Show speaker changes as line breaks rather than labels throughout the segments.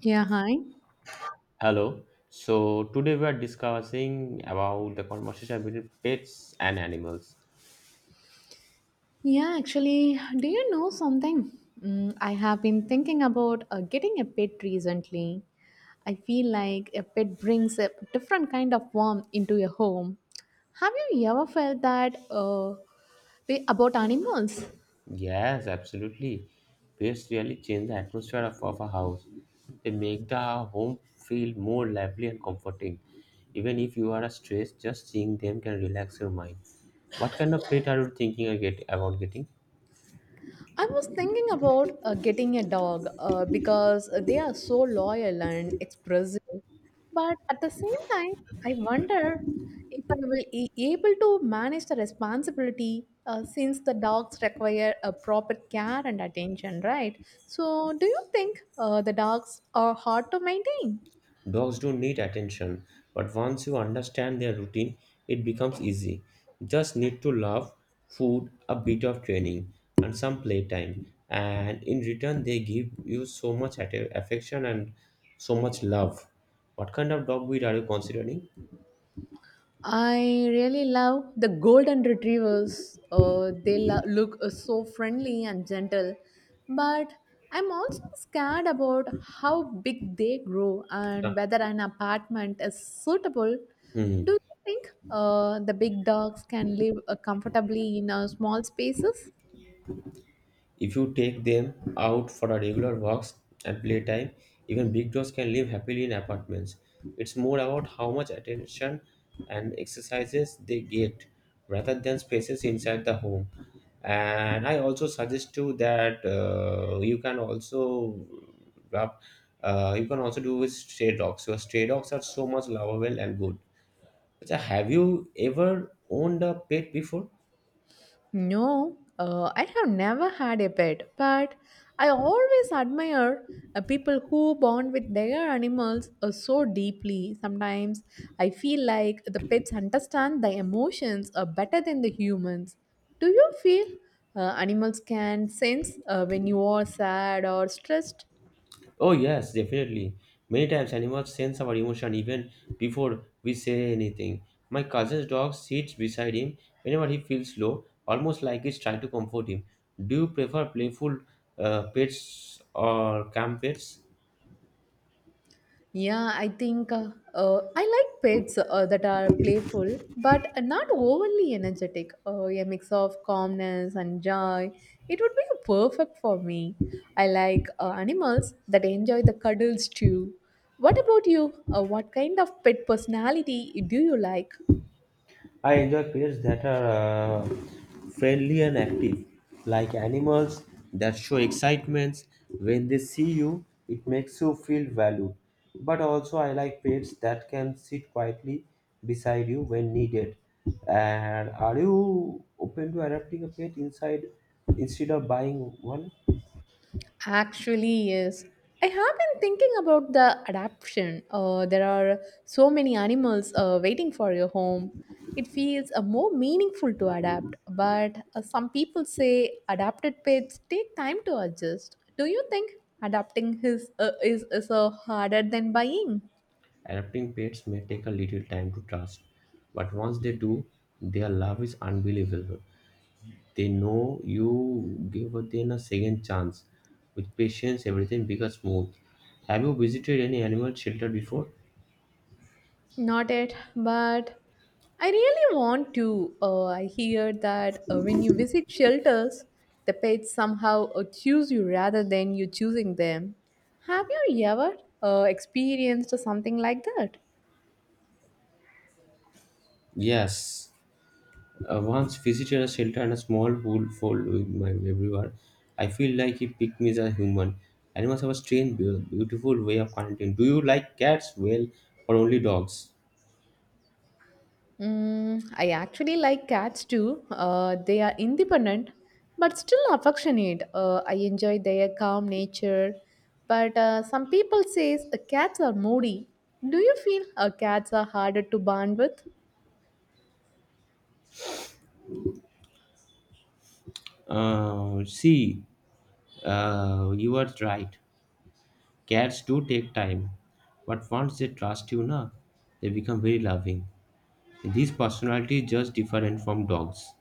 Yeah, hi.
Hello. So today we are discussing about the conversation between pets and animals.
Yeah, actually, do you know something? Mm, I have been thinking about getting a pet recently. I feel like a pet brings a different kind of warmth into your home. Have you ever felt that way about animals?
Yes, absolutely. Pets really change the atmosphere of a house. They make the home feel more lively and comforting. Even if you are stressed, just seeing them can relax your mind. What kind of pet are you thinking of about getting?
I was thinking about getting a dog because they are so loyal and expressive. But at the same time, I wonder if I will be able to manage the responsibility since the dogs require a proper care and attention, right? So, do you think the dogs are hard to maintain?
Dogs do need attention, but once you understand their routine, it becomes easy. Just need to love, food, a bit of training, and some playtime. And in return, they give you so much affection and so much love. What kind of dog breed are you considering?
I really love the golden retrievers. They look so friendly and gentle, but I'm also scared about how big they grow and
Yeah.
whether an apartment is suitable.
Hmm.
Do you think the big dogs can live comfortably in small spaces?
If you take them out for a regular walks and playtime, even big dogs can live happily in apartments. It's more about how much attention and exercises they get rather than spaces inside the home. And I also suggest you that you can also wrap, you can also do with stray dogs. Your stray dogs are so much lovable and good. So have you ever owned a pet before?
No, I have never had a pet, but I always admire people who bond with their animals so deeply. Sometimes I feel like the pets understand the emotions better than the humans. Do you feel animals can sense when you are sad or stressed?
Oh, yes, definitely. Many times animals sense our emotion even before we say anything. My cousin's dog sits beside him whenever he feels low, almost like he's trying to comfort him. Do you prefer playful pets or calm pets?
Yeah, I think I like pets that are playful but not overly energetic. A mix of calmness and joy. It would be perfect for me. I like animals that enjoy the cuddles too. What about you? What kind of pet personality do you like?
I enjoy pets that are uh, friendly and active, like animals that show excitement. When they see you, it makes you feel valued. But also, I like pets that can sit quietly beside you when needed. And are you open to adopting a pet inside instead of buying one?
Actually, yes. I have been thinking about the adaptation. There are so many animals waiting for your home. It feels more meaningful to adapt, but some people say adapted pets take time to adjust. Do you think adapting his is harder than buying?
Adopting pets may take a little time to trust, but once they do, their love is unbelievable. They know you give them a second chance. With patience, everything becomes smooth. Have you visited any animal shelter before?
Not yet, but I really want to. I hear that when you visit shelters, the pets somehow choose you rather than you choosing them. Have you ever experienced something like that?
Yes, I once visited a shelter and a small wolf following my everywhere. I feel like he picked me as a human. Animals have a strange, beautiful way of connecting. Do you like cats well or only dogs?
Mm, I actually like cats too. They are independent but still affectionate. I enjoy their calm nature. But some people say cats are moody. Do you feel cats are harder to bond with?
See, you are right. Cats do take time, but once they trust you, na, they become very loving. These personalities just different from dogs.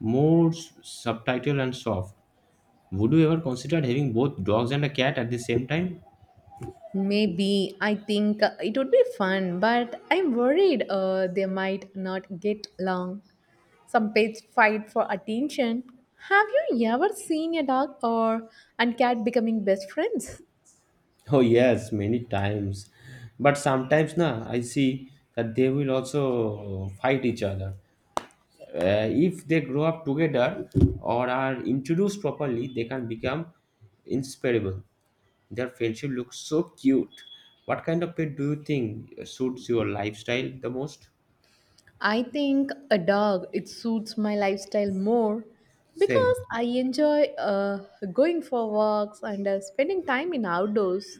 More subtle and soft. Would you ever consider having both dogs and a cat at the same time?
Maybe I think it would be fun, but I'm worried they might not get along. Some pets fight for attention. Have you ever seen a dog or and cat becoming best friends?
Oh yes, many times. But sometimes na I see that they will also fight each other. If they grow up together or are introduced properly, they can become inseparable. Their friendship looks so cute. What kind of pet do you think suits your lifestyle the most?
I think a dog it suits my lifestyle more
Same.
because I enjoy going for walks and spending time in outdoors.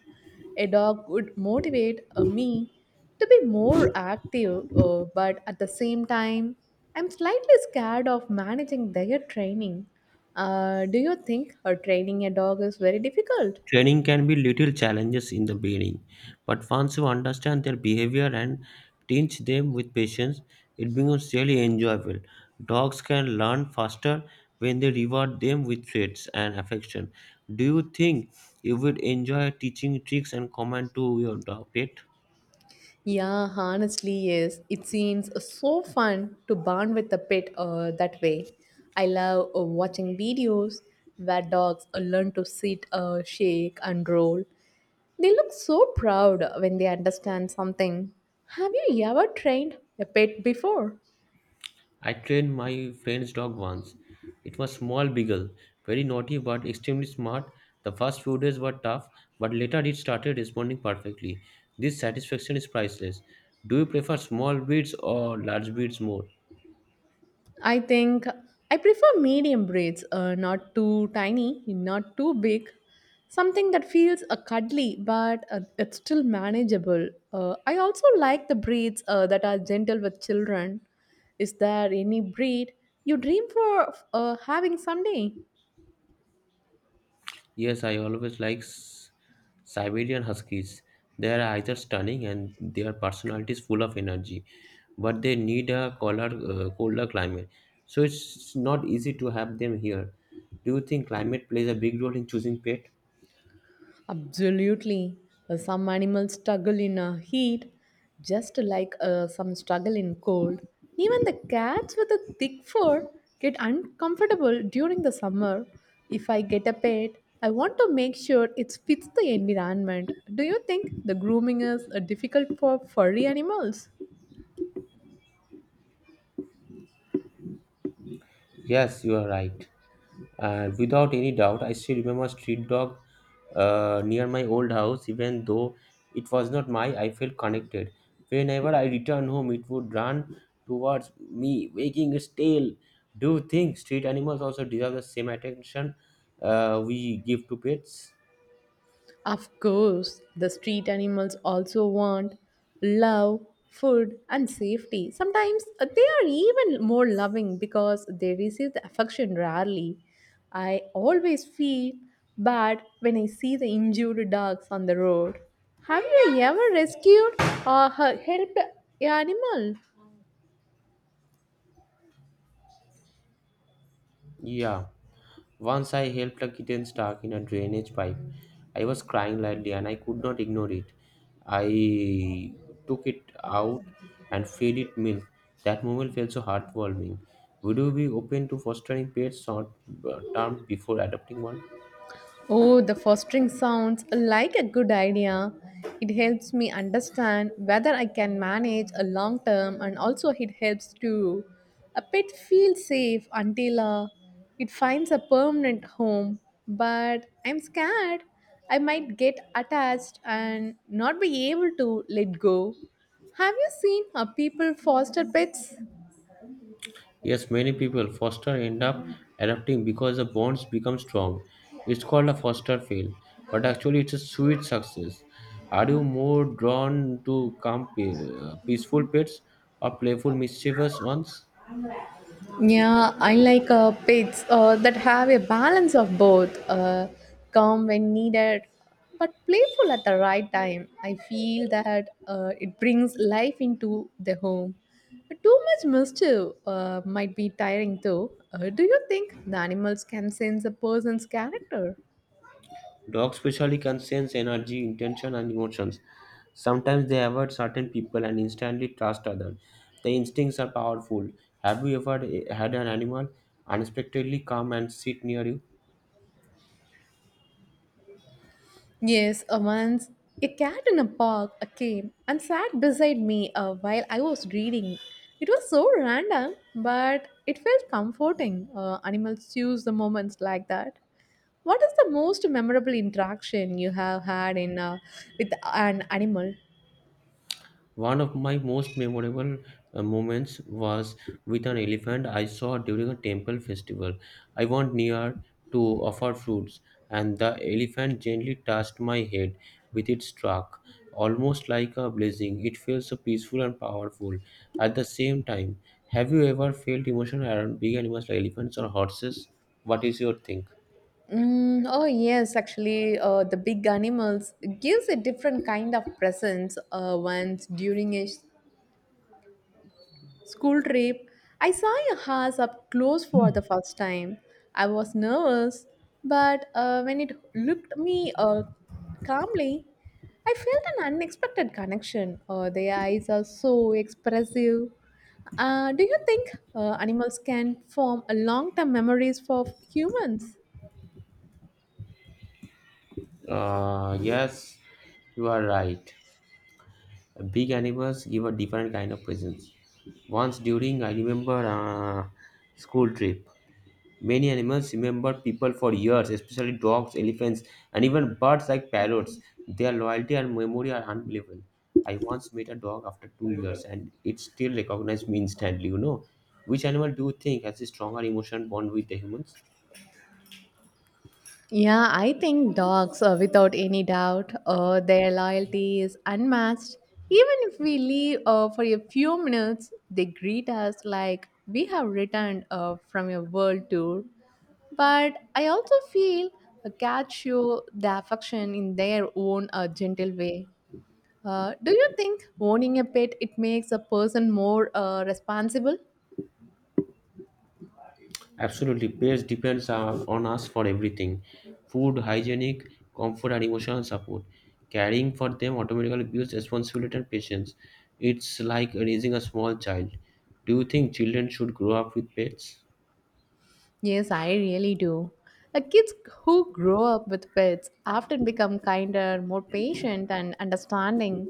A dog would motivate me to be more active, but at the same time, I'm slightly scared of managing their training. Do you think training a dog is very difficult?
Training can be little challenges in the beginning, but once you understand their behavior and teach them with patience, it becomes really enjoyable. Dogs can learn faster when they reward them with treats and affection. Do you think you would enjoy teaching tricks and command to your dog pet?
Yeah, honestly, yes. It seems so fun to bond with a pet that way. I love watching videos where dogs learn to sit, shake, and roll. They look so proud when they understand something. Have you ever trained a pet before?
I trained my friend's dog once. It was small beagle, very naughty but extremely smart. The first few days were tough, but later it started responding perfectly. This satisfaction is priceless. Do you prefer small breeds or large breeds more?
I think I prefer medium braids, not too tiny, not too big. Something that feels cuddly, but it's still manageable. I also like the braids that are gentle with children. Is there any breed you dream for having someday?
Yes, I always like Siberian Huskies. They are either stunning and their personalities full of energy, but they need a colder, colder climate. So it's not easy to have them here. Do you think climate plays a big role in choosing pet?
Absolutely. Some animals struggle in heat, just like some struggle in cold. Even the cats with a thick fur get uncomfortable during the summer. If I get a pet, I want to make sure it fits the environment. Do you think the grooming is difficult for furry animals?
Yes, you are right. And without any doubt, I still remember street dog near my old house. Even though it was not mine, I felt connected. Whenever I returned home, it would run towards me, wagging its tail. Do you think street animals also deserve the same attention we give to pets?
Of course, the street animals also want love, food, and safety. Sometimes they are even more loving because they receive the affection rarely. I always feel bad when I see the injured dogs on the road. Have you ever rescued or helped an animal?
Yeah. Once I helped a kitten stuck in a drainage pipe. I was crying loudly and I could not ignore it. I took it out and fed it milk. That moment felt so heartwarming. Would you be open to fostering pets short term before adopting one?
Oh, the fostering sounds like a good idea. It helps me understand whether I can manage a long term and also it helps to a pet feel safe until it finds a permanent home. But I'm scared I might get attached and not be able to let go. Have you seen people foster pets?
Yes, many people foster end up adopting because the bonds become strong. It's called a foster fail, but actually it's a sweet success. Are you more drawn to calm, peaceful pets or playful, mischievous ones?
Yeah, I like pets that have a balance of both, calm when needed, but playful at the right time. I feel that it brings life into the home. But too much mischief might be tiring, though. Do you think the animals can sense a person's character?
Dogs especially can sense energy, intention, and emotions. Sometimes they avoid certain people and instantly trust others. The instincts are powerful. Have you ever had an animal unexpectedly come and sit near you?
Yes, once a cat in a park came and sat beside me while I was reading. It was so random, but it felt comforting. Animals choose the moments like that. What is the most memorable interaction you have had in with an animal?
One of my most memorable moments was with an elephant I saw during a temple festival. I went near to offer fruits, and the elephant gently touched my head with its trunk, almost like a blessing. It felt so peaceful and powerful at the same time. Have you ever felt emotion around big animals like elephants or horses? What is your think?
Mm, oh yes, actually, the big animals gives a different kind of presence. Once during a school trip, I saw a horse up close for the first time. I was nervous, but when it looked me calmly, I felt an unexpected connection. Their eyes are so expressive. Do you think animals can form a long-term memories for humans?
Yes, you are right. Big animals give a different kind of presence once during I remember school trip, many animals remember people for years, especially dogs, elephants, and even birds like parrots. Their loyalty and memory are unbelievable. I once met a dog after 2 years and it still recognized me instantly, which animal do you think has a stronger emotion bond with the humans?
Yeah, I think dogs, without any doubt, their loyalty is unmatched. Even if we leave for a few minutes, they greet us like we have returned from a world tour. But I also feel cats show the affection in their own gentle way. Do you think owning a pet it makes a person more responsible?
Absolutely, pets depends on us for everything: food, hygienic, comfort, and emotional support. Caring for them automatically builds responsibility and patience. It's like raising a small child. Do you think children should grow up with pets?
Yes, I really do. Kids who grow up with pets often become kinder, more patient, and understanding.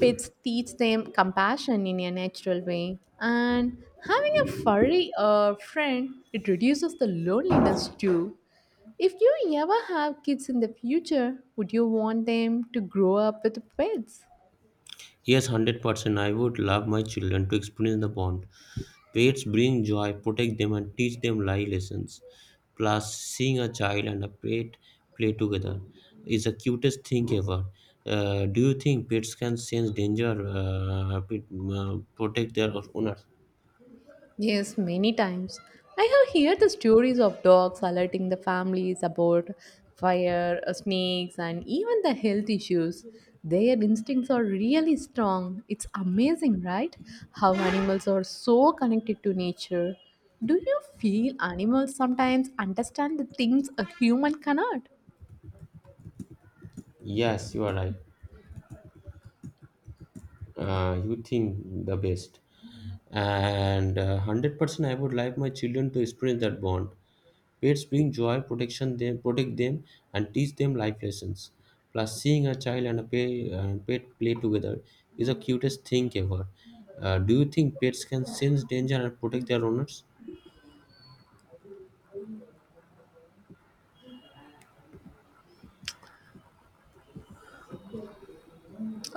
Pets teach them compassion in a natural way, and having a furry friend it reduces the loneliness too. If you ever have kids in the future, would you want them to grow up with pets?
Yes, 100%. I would love my children to experience the bond. Pets bring joy, protect them, and teach them life lessons. Plus, seeing a child and a pet play together is the cutest thing ever. Do you think pets can sense danger, protect their owners?
Yes, many times. I have heard the stories of dogs alerting the families about fire, snakes, and even the health issues. Their instincts are really strong. It's amazing, right? How animals are so connected to nature. Do you feel animals sometimes understand the things a human cannot?
Yes, you are right. You think the best. And 100% I would like my children to experience that bond. Pets bring joy, protect them, and teach them life lessons. Plus, seeing a child and a pet, play together is the cutest thing ever. Do you think pets can sense danger and protect their owners?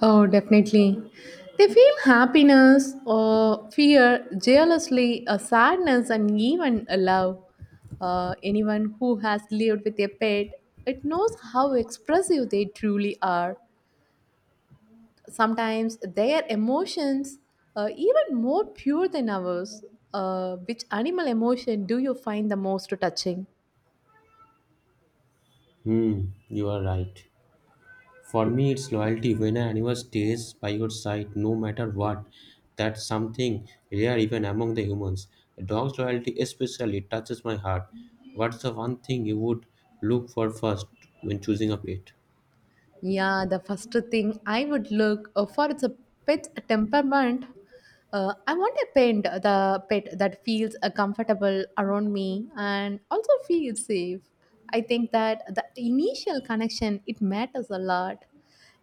Oh, definitely. They feel happiness or fear, jealously, a sadness, and even a love. Anyone who has lived with a pet, it knows how expressive they truly are. Sometimes their emotions are even more pure than ours. Which animal emotion do you find the most touching?
Hmm, you are right. For me, it's loyalty. When an animal stays by your side, no matter what, that's something rare even among the humans. A dog's loyalty especially touches my heart. What's the one thing you would look for first when choosing a pet?
Yeah, the first thing I would look for is a pet's temperament. I want a pet, the pet that feels comfortable around me and also feels safe. I think that the initial connection it matters a lot.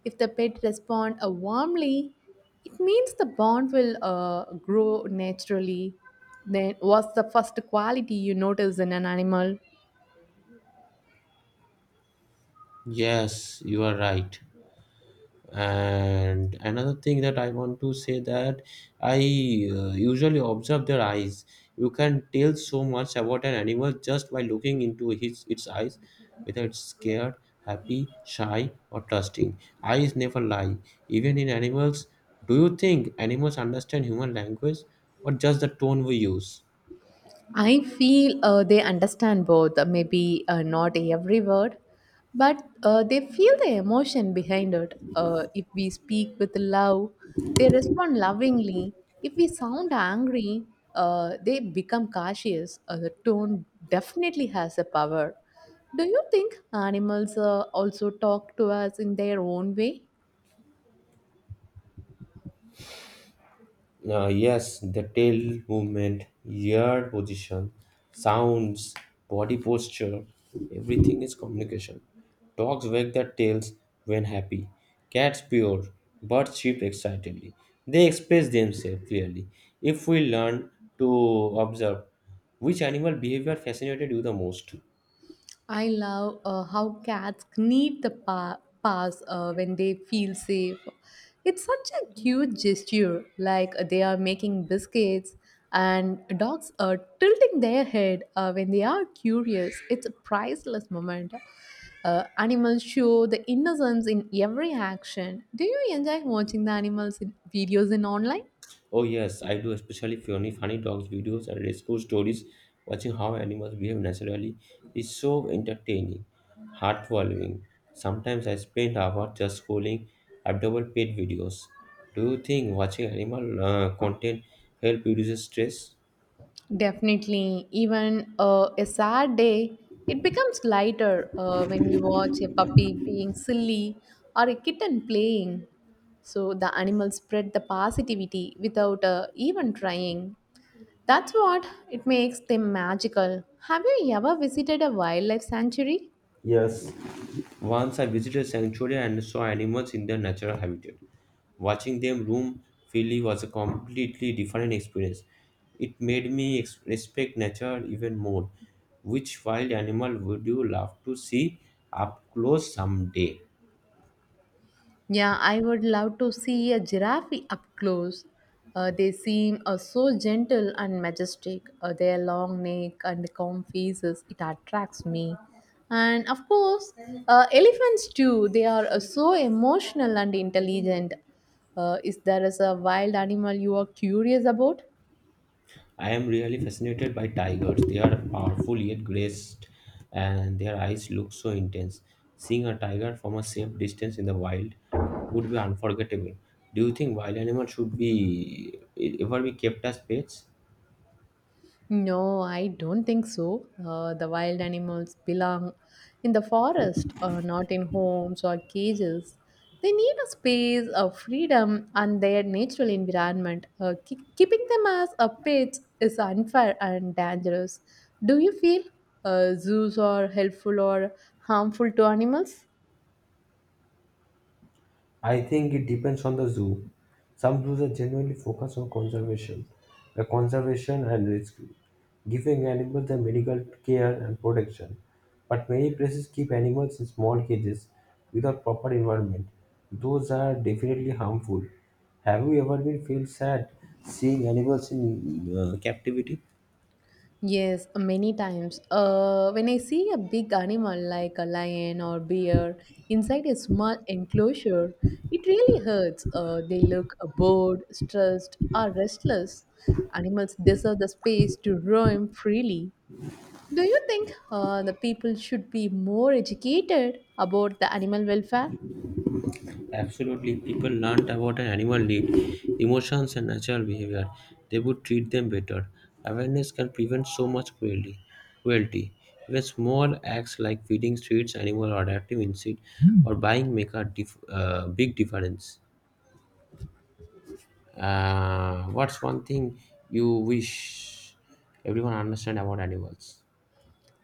If the pet respond warmly, it means the bond will grow naturally. Then, what's the first quality you notice in an animal?
Yes, you are right. And another thing that I want to say that I usually observe their eyes. You can tell so much about an animal just by looking into his its eyes, whether it's scared, happy, shy, or trusting. Eyes never lie, even in animals. Do you think animals understand human language or just the tone we use?
I feel they understand both, maybe not every word, but they feel the emotion behind it. If we speak with love, they respond lovingly. If we sound angry, they become cautious. The tone definitely has a power. Do you think animals also talk to us in their own way?
Yes, the tail movement, ear position, sounds, body posture, everything is communication. Dogs wag their tails when happy. Cats purr, birds chirp excitedly. They express themselves clearly. If we learn to observe, which animal behavior fascinated you the most?
I love how cats need the pass when they feel safe. It's such a cute gesture, like they are making biscuits and dogs are tilting their head when they are curious. It's a priceless moment. Animals show the innocence in every action. Do you enjoy watching the animals in videos in online?
Oh yes, I do, especially funny, funny dogs videos and rescue stories. Watching how animals behave naturally is so entertaining, heartwarming. Sometimes I spend hours just scrolling adorable pet videos. Do you think watching animal content help reduces stress?
Definitely, even a sad day, it becomes lighter when we watch a puppy being silly or a kitten playing. So the animals spread the positivity without even trying. That's what it makes them magical. Have you ever visited a wildlife sanctuary?
Yes, once I visited a sanctuary and saw animals in their natural habitat. Watching them roam freely was a completely different experience. It made me respect nature even more. Which wild animal would you love to see up close someday?
Yeah, I would love to see a giraffe up close. They seem so gentle and majestic. Their long neck and calm faces, it attracts me. And of course, elephants too. They are so emotional and intelligent. Is there is a wild animal you are curious about?
I am really fascinated by tigers. They are powerful yet graced, and their eyes look so intense. Seeing a tiger from a safe distance in the wild would be unforgettable. Do you think wild animals should be ever be kept as pets?
No, I don't think so. The wild animals belong in the forest, not in homes or cages. They need a space, a freedom, and their natural environment. Keeping them as a pets is unfair and dangerous. Do you feel zoos are helpful or harmful to animals?
I think it depends on the zoo. Some zoos are genuinely focused on conservation, the conservation and rescue, giving animals the medical care and protection. But many places keep animals in small cages without proper environment. Those are definitely harmful. Have you ever been feel sad seeing animals in captivity?
Yes, many times. When I see a big animal like a lion or bear inside a small enclosure, it really hurts. They look bored, stressed, or restless. Animals deserve the space to roam freely. Do you think the people should be more educated about the animal welfare?
Absolutely, people learned about an animal need, emotions, and natural behavior. They would treat them better. Awareness can prevent so much cruelty. Cruelty. Even small acts like feeding streets animal or adaptive insect or buying make a big difference. What's one thing you wish everyone understand about animals?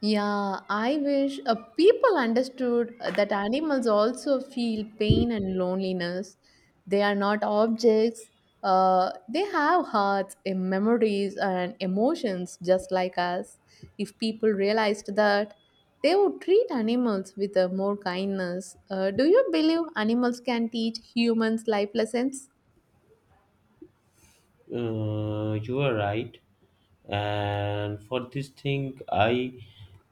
Yeah, I wish people understood that animals also feel pain and loneliness. They are not objects. They have hearts, memories, and emotions just like us. If people realized that, they would treat animals with more kindness. Do you believe animals can teach humans life lessons?
You are right. And for this thing, I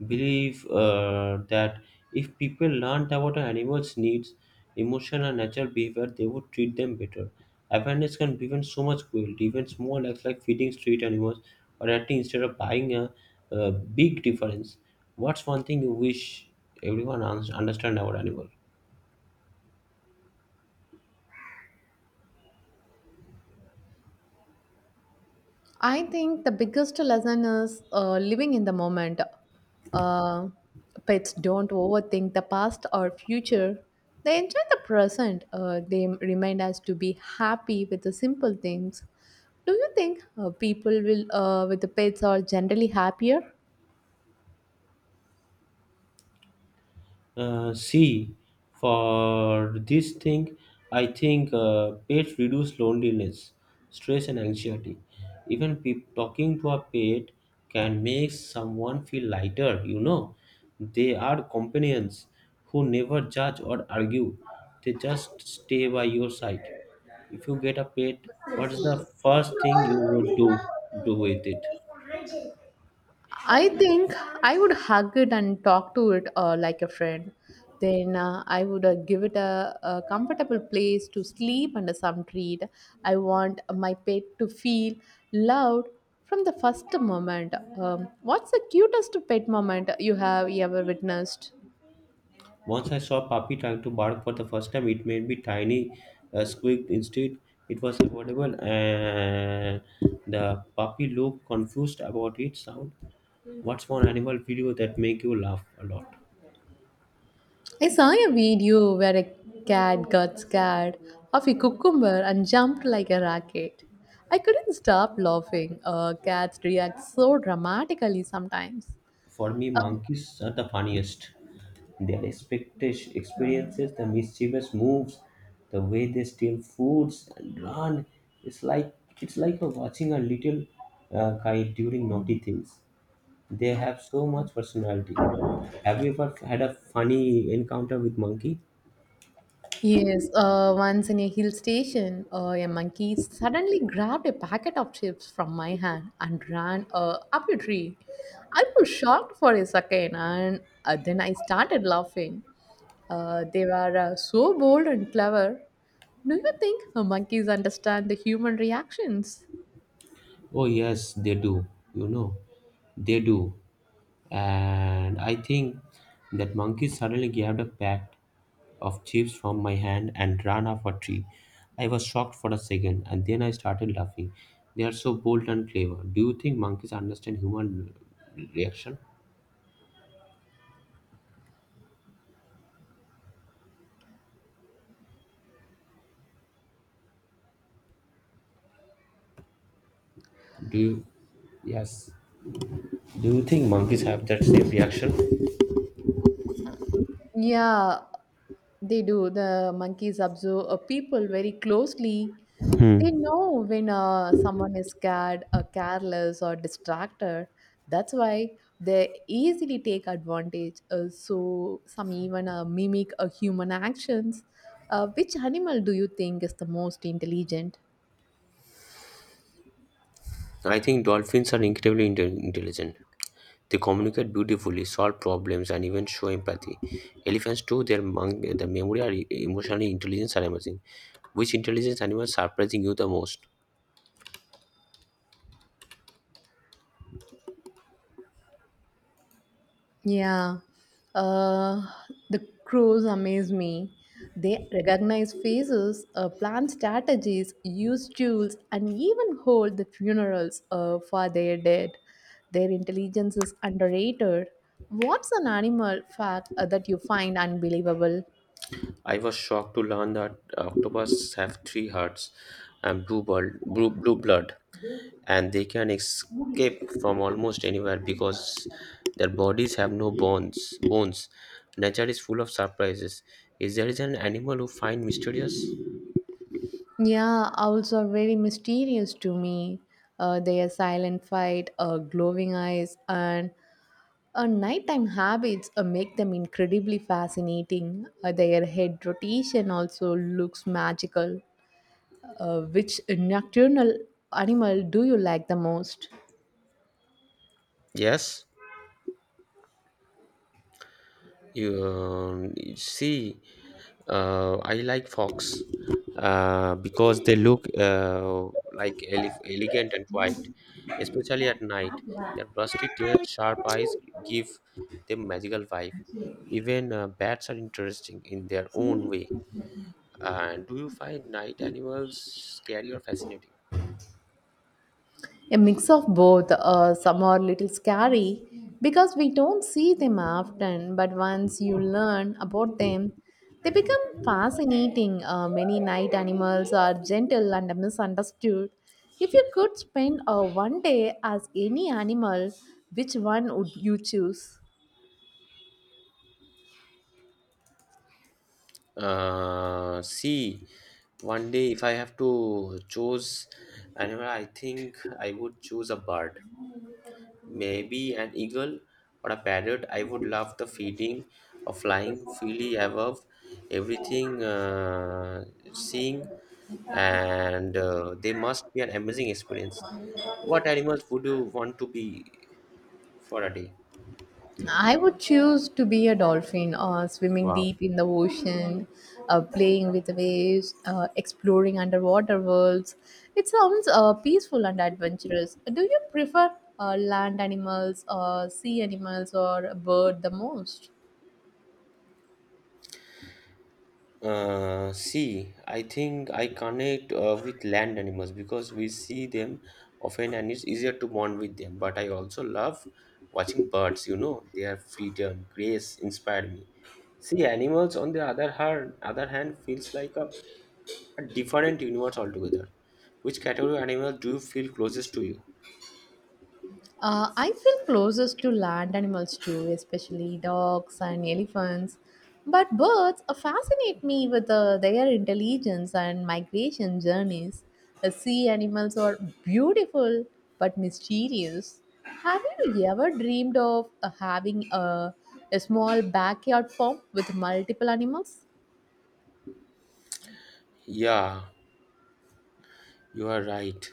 believe that if people learned about an animal's needs, emotion, and natural behavior, they would treat them better. Awareness can prevent so much cruelty. Even small acts like feeding street animals or acting instead of a big difference. What's one thing you wish everyone understand about animals?
I think the biggest lesson is living in the moment. Uh, Pets don't overthink the past or future. They enjoy the present. They remind us to be happy with the simple things. Do you think people will with the pets are generally happier?
See for this thing I think Pets reduce loneliness, stress, and anxiety. Even talking to a pet can make someone feel lighter. They are companions who never judge or argue. They just stay by your side. If you get a pet, what's the first thing you would do with it?
I think I would hug it and talk to it like a friend. Then I would give it a comfortable place to sleep and some treat. I want my pet to feel loved from the first moment. What's the cutest pet moment you have ever witnessed?
Once I saw a puppy trying to bark for the first time. It made me tiny squeaked instead. It was audible, and the puppy looked confused about its sound. What's one animal video that make you laugh a lot?
I saw a video where a cat got scared of a cucumber and jumped like a rocket. I couldn't stop laughing. Cats react so dramatically sometimes.
For me,
Um,
monkeys are the funniest. Their expectation experiences, the mischievous moves, the way they steal foods and run. It's like it's like you watching a little guy during naughty things. They have so much personality. Have you ever had a funny encounter with monkey?
yes, once in a hill station, a monkey suddenly grabbed a packet of chips from my hand and ran up a tree. I was shocked for a second and then I started laughing. They were so bold and clever. Do you think monkeys understand the human reactions?
Oh yes, they do. You know, they do. And I think that monkey suddenly grabbed a pack of chips from my hand and ran off a tree. I was shocked for a second, and then I started laughing. They are so bold and clever. Do you think monkeys understand human reaction? Do you? Yes. Do you think monkeys have that same reaction?
Yeah, they do. The monkeys observe people very closely. They know when someone is scared, or careless, or distracted. That's why they easily take advantage. So some even mimic human actions. Which animal do you think is the most intelligent?
I think dolphins are incredibly intelligent. They communicate beautifully, solve problems, and even show empathy. Elephants, too, their memory and emotional intelligence are amazing. Which intelligence animal is surprising you the most?
Yeah, uh, the crows amaze me. They recognize faces, plan strategies, use tools, and even hold the funerals for their dead. Their intelligence is underrated. What's an animal fact that you find unbelievable?
I was shocked to learn that octopus have three hearts and blue, blood, blue, blue blood, and they can escape from almost anywhere because their bodies have no bones. Nature is full of surprises. Is there an animal who find mysterious?
Yeah, owls are very mysterious to me. Their silent fight, glowing eyes, and nighttime habits make them incredibly fascinating. Their head rotation also looks magical. Which nocturnal animal do you like the most?
Yes. you, um, you see, I like fox because they look like elegant and white, especially at night. Their busty tail, sharp eyes give them magical vibe. Even bats are interesting in their own way. And do you find night animals scary or fascinating?
A mix of both. Some are little scary because we don't see them often, but once you learn about them, they become fascinating. Many night animals are gentle and misunderstood. If you could spend one day as any animal, which one would you choose?
Uh, see, One day, if I have to choose animal, I think I would choose a bird, maybe an eagle or a parrot. I would love the feeding or flying freely above everything, seeing, and they must be an amazing experience. What animals would you want to be for a day?
I would choose to be a dolphin, swimming
Wow.
deep in the ocean, playing with waves, exploring underwater worlds. It sounds peaceful and adventurous. Do you prefer land animals, sea animals, or a bird the most?
I think I connect with land animals because we see them often and it's easier to bond with them. But I also love watching birds, you know, their freedom, grace inspired me. See, animals on the other hand feels like a different universe altogether. Which category of animals do you feel closest to you?
I feel closest to land animals too, especially dogs and elephants. But birds fascinate me with their intelligence and migration journeys. The sea animals are beautiful but mysterious. Have you ever dreamed of having a small backyard farm with multiple animals?
Yeah, you are right.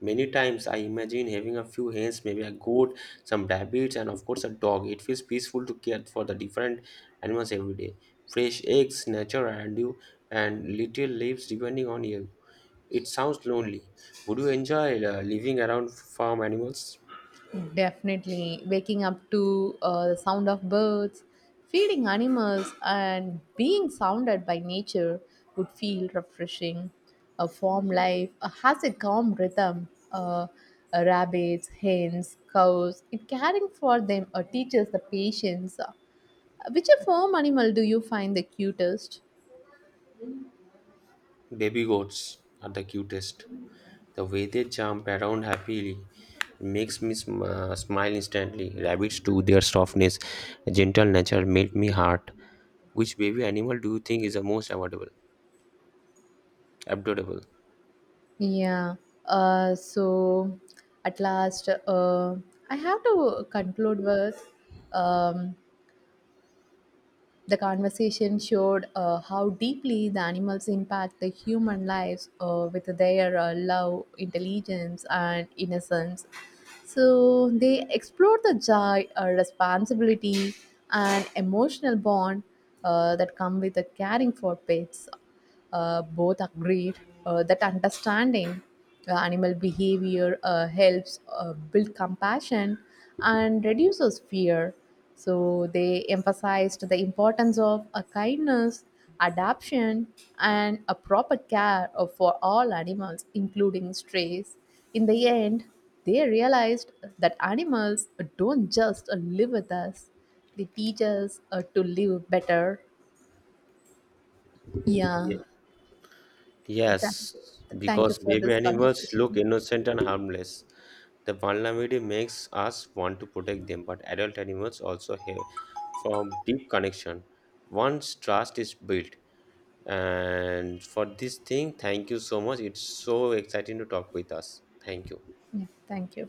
Many times I imagine having a few hens, maybe a goat, some rabbits, and of course a dog. It feels peaceful to care for the different animals every day. Fresh eggs, nature around you, and little leaves depending on you. It sounds lonely. Would you enjoy living around farm animals?
Definitely. Waking up to the sound of birds, feeding animals, and being sounded by nature would feel refreshing. A farm life has a calm rhythm. Rabbits, hens, cows, it caring for them teaches the patience. Which a farm animal do you find the cutest?
Baby goats are the cutest. The way they jump around happily makes me smile instantly. Rabbits too, their softness, gentle nature melt me heart. Which baby animal do you think is the most adorable? Adorable.
Yeah. So at last, I have to conclude with um, the conversation showed how deeply the animals impact the human lives with their love, intelligence, and innocence. So they explored the joy, responsibility, and emotional bond that come with caring for pets both agreed that understanding animal behavior helps build compassion and reduces fear. So they emphasized the importance of a kindness, adaptation, and a proper care of, for all animals, including strays. In the end, they realized that animals don't just live with us; they teach us to live better. Yeah.
Ye-
Th-
Yes,
Thank you
because
for
baby
this
animals look
conversation.
innocent and harmless. The vulnerability makes us want to protect them, but adult animals also have from deep connection. Once trust is built, and for this thing, thank you so much. It's so exciting to talk with us. Thank you.
Yeah, thank you.